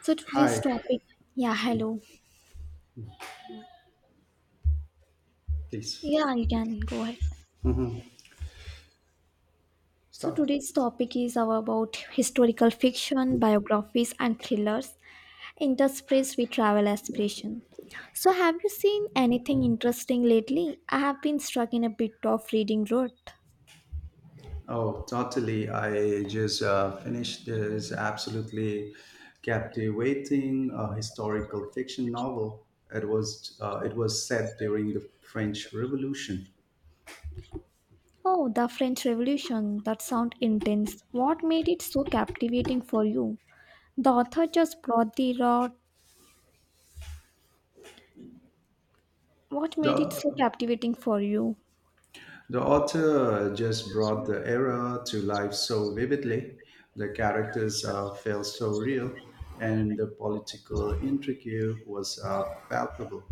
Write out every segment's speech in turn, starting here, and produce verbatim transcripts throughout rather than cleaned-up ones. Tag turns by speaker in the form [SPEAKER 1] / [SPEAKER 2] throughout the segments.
[SPEAKER 1] So today's
[SPEAKER 2] Hi,
[SPEAKER 1] topic, yeah, hello.
[SPEAKER 2] please
[SPEAKER 1] Yeah, you can go ahead. So
[SPEAKER 2] stop.
[SPEAKER 1] today's topic is our about historical fiction, biographies, and thrillers interspersed with travel aspiration. So have you seen anything interesting lately? I have been stuck in a bit of reading rut.
[SPEAKER 2] Oh, totally. I just uh, finished this absolutely captivating uh, historical fiction novel. It was uh, it was set during the French Revolution.
[SPEAKER 1] Oh, the French Revolution. That sounds intense. What made it so captivating for you? The author just brought the raw. What made it
[SPEAKER 2] The
[SPEAKER 1] so captivating for you?
[SPEAKER 2] the author just brought the era to life so vividly. The characters uh, felt so real, and the political intrigue was uh, palpable.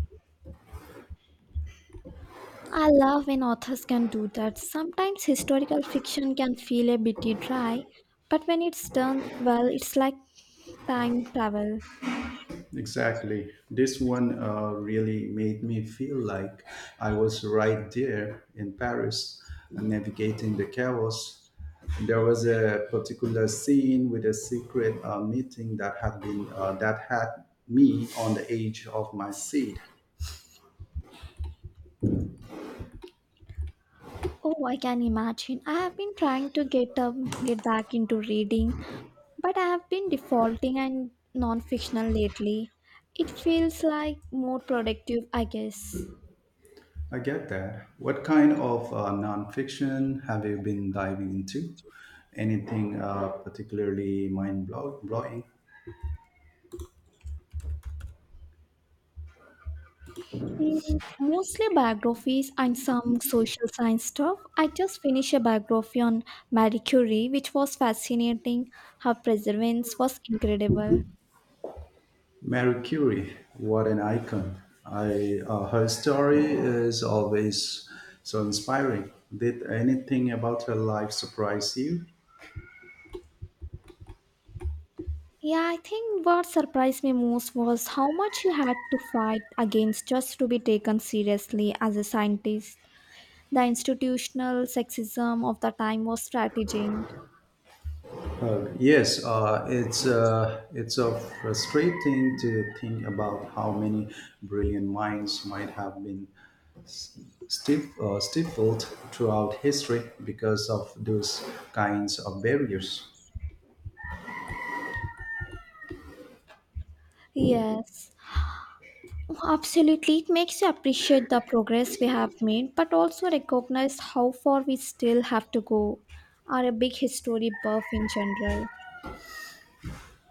[SPEAKER 1] I love when authors can do that. Sometimes historical fiction can feel a bit dry, but when it's done well, it's like time travel.
[SPEAKER 2] Exactly. This one uh, really made me feel like I was right there in Paris, uh, navigating the chaos. There was a particular scene with a secret uh, meeting that had been uh, that had me on the edge of my seat.
[SPEAKER 1] Oh, I can imagine. I have been trying to get um, get back into reading, but I have been defaulting and non-fictional lately. It feels like more productive, I guess.
[SPEAKER 2] I get that. What kind of uh, nonfiction have you been diving into? Anything uh, particularly mind blowing?
[SPEAKER 1] Mm, mostly biographies and some social science stuff. I just finished a biography on Marie Curie, which was fascinating. Her perseverance was incredible.
[SPEAKER 2] Marie Curie, what an icon. I, uh, her story is always so inspiring. Did anything about her life surprise you?
[SPEAKER 1] Yeah, I think what surprised me most was how much she had to fight against just to be taken seriously as a scientist. The institutional sexism of the time was strategizing.
[SPEAKER 2] Yes, uh, it's uh, it's a frustrating to think about how many brilliant minds might have been stif- uh, stifled throughout history because of those kinds of barriers.
[SPEAKER 1] Yes. Well, absolutely, it makes you appreciate the progress we have made, but also recognize how far we still have to go. Are a big history buff in general.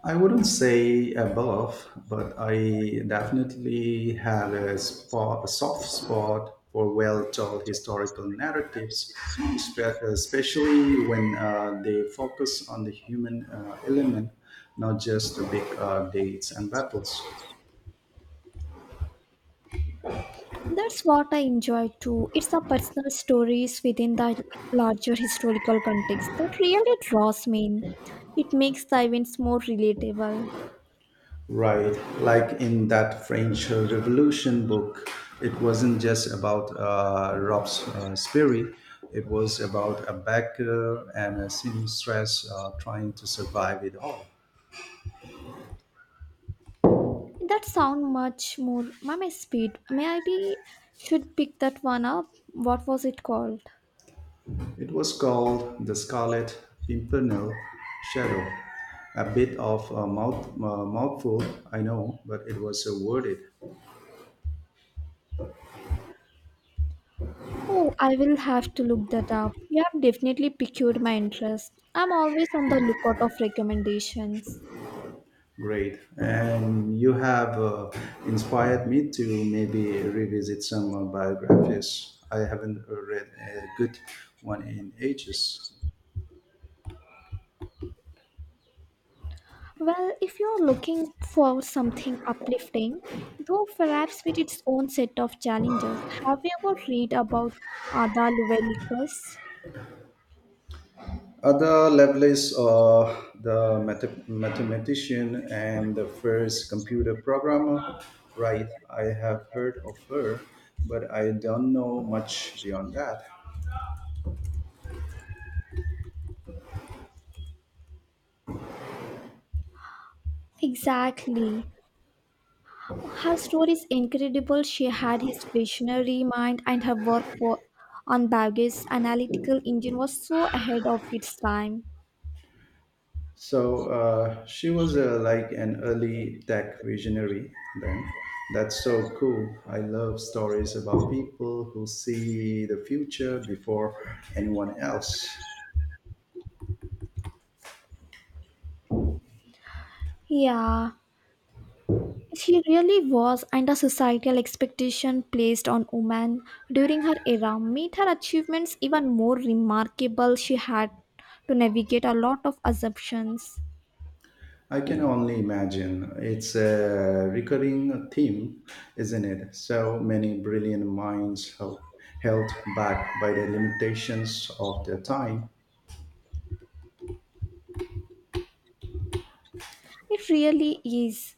[SPEAKER 2] I wouldn't say above, but I definitely have a, spot, a soft spot for well-told historical narratives, espe- especially when uh, they focus on the human uh, element, not just the big uh, dates and battles.
[SPEAKER 1] That's what I enjoy too. It's the personal stories within the larger historical context that really draws me in. It makes the events more relatable.
[SPEAKER 2] Right. Like in that French Revolution book, it wasn't just about uh, Rob's uh, it was about a baker and a seamstress uh, trying to survive it all.
[SPEAKER 1] That sound much more my my speed. Maybe should pick that one up. What was it called?
[SPEAKER 2] It was called The Scarlet Pimpernel Shadow. A bit of a mouth, uh, mouthful, I know, but it was uh, worth it.
[SPEAKER 1] Oh, I will have to look that up. You have definitely piqued my interest. I'm always on the lookout of recommendations.
[SPEAKER 2] Great. And you have uh, inspired me to maybe revisit some uh, biographies. I haven't uh, read a good one in ages.
[SPEAKER 1] Well, if you're looking for something uplifting, though perhaps with its own set of challenges, have you ever read about Ada Lovelace?
[SPEAKER 2] Other Lovelace, uh, the math- mathematician and the first computer programmer, right? I have heard of her, but I don't know much beyond that.
[SPEAKER 1] Exactly. Her story is incredible. She had his visionary mind, and her work for, on Bague's analytical engine was so ahead of its time.
[SPEAKER 2] So uh, she was uh, like an early tech visionary then. That's so cool. I love stories about people who see the future before anyone else.
[SPEAKER 1] Yeah, she really was, and the societal expectation placed on women during her era made her achievements even more remarkable. She had to navigate a lot of assumptions.
[SPEAKER 2] I can only imagine. It's a recurring theme, isn't it? So many brilliant minds held held back by the limitations of their time.
[SPEAKER 1] It really is.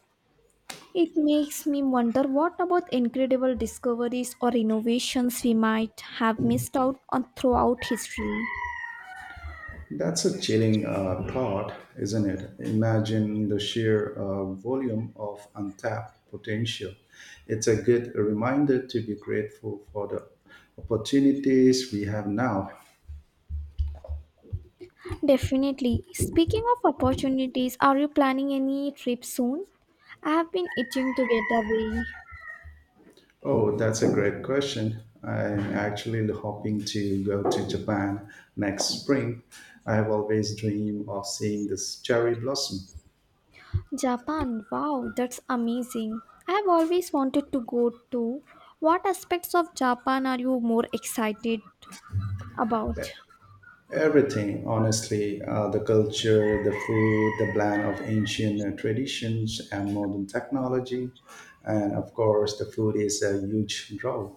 [SPEAKER 1] It makes me wonder what about incredible discoveries or innovations we might have missed out on throughout history.
[SPEAKER 2] That's a chilling uh, thought, isn't it? Imagine the sheer uh, volume of untapped potential. It's a good reminder to be grateful for the opportunities we have now.
[SPEAKER 1] Definitely. Speaking of opportunities, are you planning any trip soon? I have been itching to get away.
[SPEAKER 2] Oh, that's a great question. I'm actually hoping to go to Japan next spring. I have always dreamed of seeing this cherry blossom.
[SPEAKER 1] Japan, wow, that's amazing. I've always wanted to go to. What aspects of Japan are you more excited about?
[SPEAKER 2] Everything, honestly, uh, the culture, the food, the blend of ancient uh, traditions and modern technology, and of course, the food is a huge draw.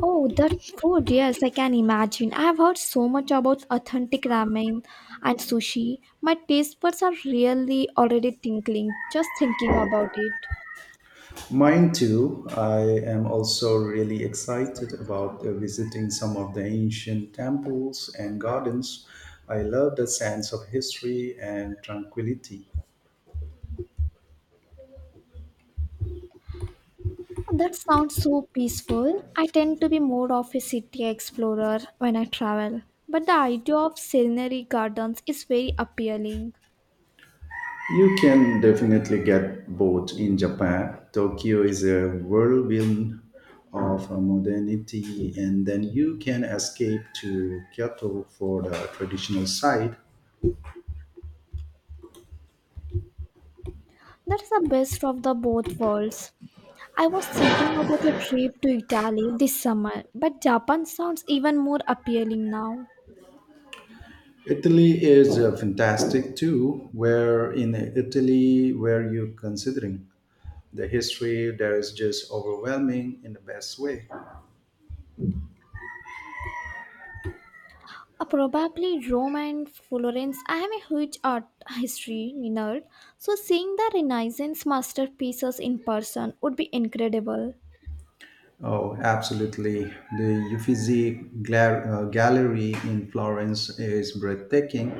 [SPEAKER 1] Oh, that food, yes, I can imagine. I've heard so much about authentic ramen and sushi. My taste buds are really already tinkling just thinking about it.
[SPEAKER 2] Mine too. I am also really excited about uh, visiting some of the ancient temples and gardens. I love the sense of history and tranquility.
[SPEAKER 1] That sounds so peaceful. I tend to be more of a city explorer when I travel, but the idea of scenery gardens is very appealing.
[SPEAKER 2] You can definitely get both in Japan. Tokyo is a whirlwind of modernity, and then you can escape to Kyoto for the traditional side.
[SPEAKER 1] That's the best of the both worlds. I was thinking about a trip to Italy this summer, but Japan sounds even more appealing now.
[SPEAKER 2] Italy is uh, fantastic too. Where in Italy were you considering? The history there is just overwhelming in the best way.
[SPEAKER 1] Uh, probably Rome and Florence. I am a huge art history nerd, so seeing the Renaissance masterpieces in person would be incredible.
[SPEAKER 2] Oh, absolutely. The Uffizi Gla- uh, Gallery in Florence is breathtaking.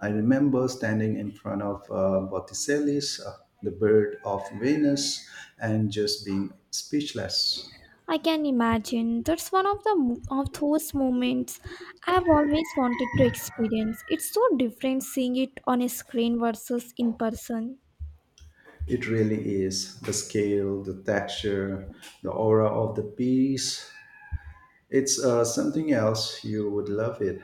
[SPEAKER 2] I remember standing in front of uh, Botticelli's uh, The Bird of Venus and just being speechless.
[SPEAKER 1] I can imagine. That's one of the mo- of those moments I've always wanted to experience. It's so different seeing it on a screen versus in person.
[SPEAKER 2] It really is. The scale, the texture, the aura of the piece. It's uh, something else. You would love it.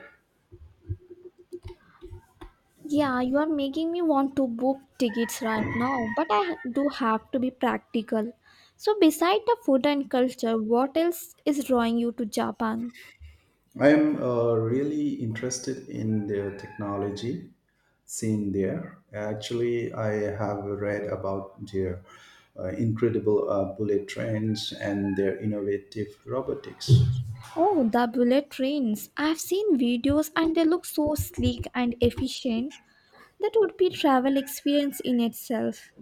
[SPEAKER 1] Yeah, you are making me want to book tickets right now, but I ha- do have to be practical. So, beside the food and culture, what else is drawing you to Japan?
[SPEAKER 2] I am uh, really interested in the technology seen there. Actually, I have read about their uh, incredible uh, bullet trains and their innovative robotics.
[SPEAKER 1] Oh, the bullet trains. I've seen videos and they look so sleek and efficient. That would be travel experience in itself.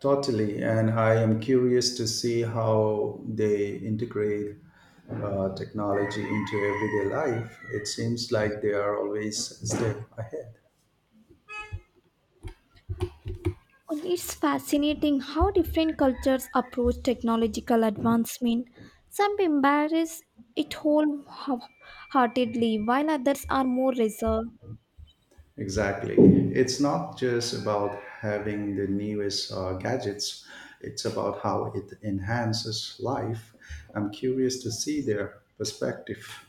[SPEAKER 2] Totally, and I am curious to see how they integrate uh, technology into everyday life. It seems like they are always a step ahead.
[SPEAKER 1] And it's fascinating how different cultures approach technological advancement. Some embrace it wholeheartedly, while others are more reserved.
[SPEAKER 2] Exactly. It's not just about having the newest uh, gadgets, it's about how it enhances life. I'm curious to see their perspective.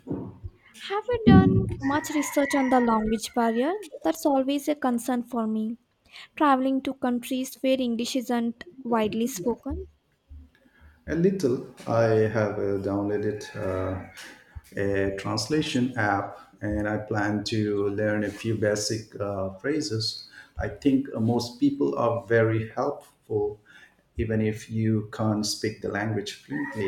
[SPEAKER 1] Have you done much research on the language barrier? That's always a concern for me. Traveling to countries where English isn't widely spoken.
[SPEAKER 2] A little, I have uh, downloaded uh, a translation app and I plan to learn a few basic uh, phrases. I think uh, most people are very helpful, even if you can't speak the language fluently.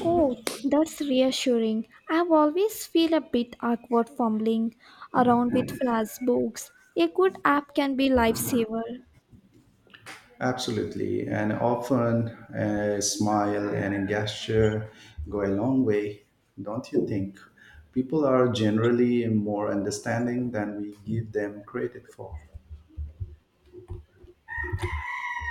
[SPEAKER 1] Oh, that's reassuring. I've always feel a bit awkward fumbling around with phrase books. A good app can be lifesaver.
[SPEAKER 2] Absolutely. And often a smile and a gesture go a long way, don't you think? People are generally more understanding than we give them credit for.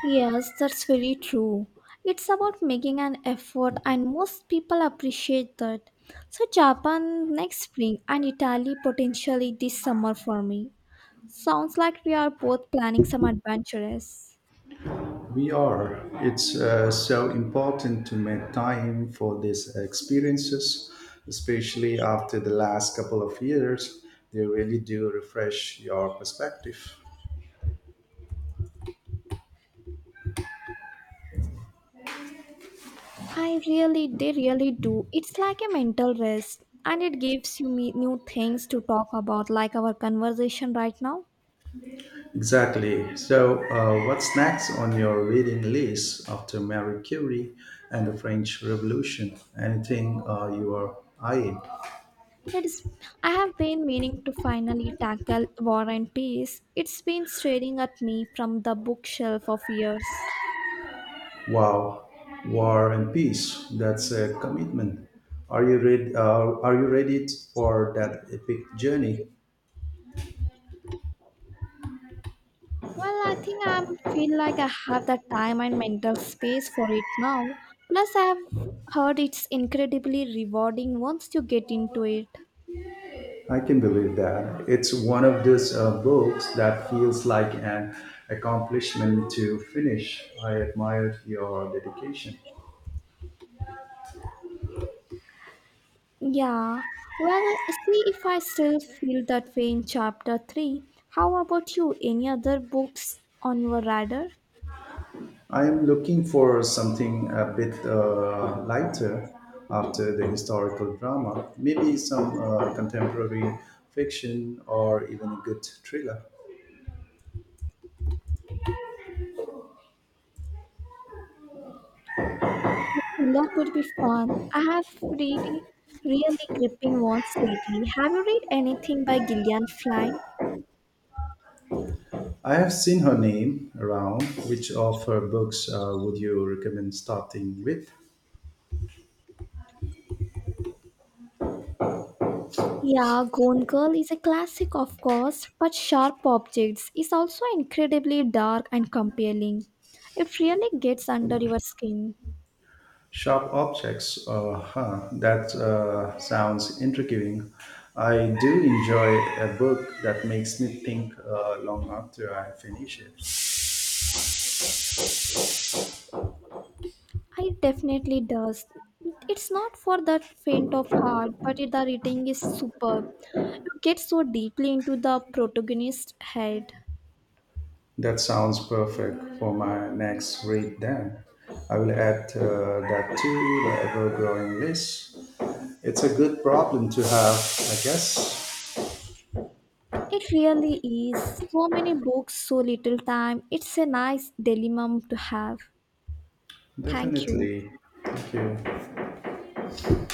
[SPEAKER 1] Yes, that's very true. It's about making an effort, and most people appreciate that. So, Japan next spring and Italy potentially this summer for me. Sounds like we are both planning some adventures.
[SPEAKER 2] We are. It's uh, so important to make time for these experiences, especially after the last couple of years. They really do refresh your perspective.
[SPEAKER 1] I really, they really do. It's like a mental rest and it gives you me new things to talk about, like our conversation right now.
[SPEAKER 2] Exactly. So, uh, what's next on your reading list after Marie Curie and the French Revolution? Anything uh, you are eyeing?
[SPEAKER 1] It's, I have been meaning to finally tackle War and Peace. It's been staring at me from the bookshelf of years.
[SPEAKER 2] Wow, War and Peace. That's a commitment. Are you read? Uh, are you ready for that epic journey?
[SPEAKER 1] Well, I think I feel like I have the time and mental space for it now. Plus, I've heard it's incredibly rewarding once you get into it.
[SPEAKER 2] I can believe that. It's one of those uh, books that feels like an accomplishment to finish. I admire your dedication.
[SPEAKER 1] Yeah, well, see if I still feel that way in chapter three. How about you? Any other books on your radar?
[SPEAKER 2] I'm looking for something a bit uh, lighter after the historical drama, maybe some uh, contemporary fiction or even a good thriller.
[SPEAKER 1] Thriller would be fun. I have really, really gripping ones lately. Have you read anything by Gillian Flynn?
[SPEAKER 2] I have seen her name around. Which of her books uh, would you recommend starting with?
[SPEAKER 1] Yeah, Gone Girl is a classic, of course, but Sharp Objects is also incredibly dark and compelling. It really gets under your skin.
[SPEAKER 2] Sharp Objects, uh, huh, that uh, sounds intriguing. I do enjoy a book that makes me think uh, long after I finish it.
[SPEAKER 1] I definitely does. It's not for the faint of heart, but it, the writing is superb. You get so deeply into the protagonist's head.
[SPEAKER 2] That sounds perfect for my next read then. I will add uh, that to the ever growing list. It's a good problem to have, I guess.
[SPEAKER 1] It really is. So many books, so little time. It's a nice dilemma to have. Thank you.
[SPEAKER 2] Definitely. Thank you.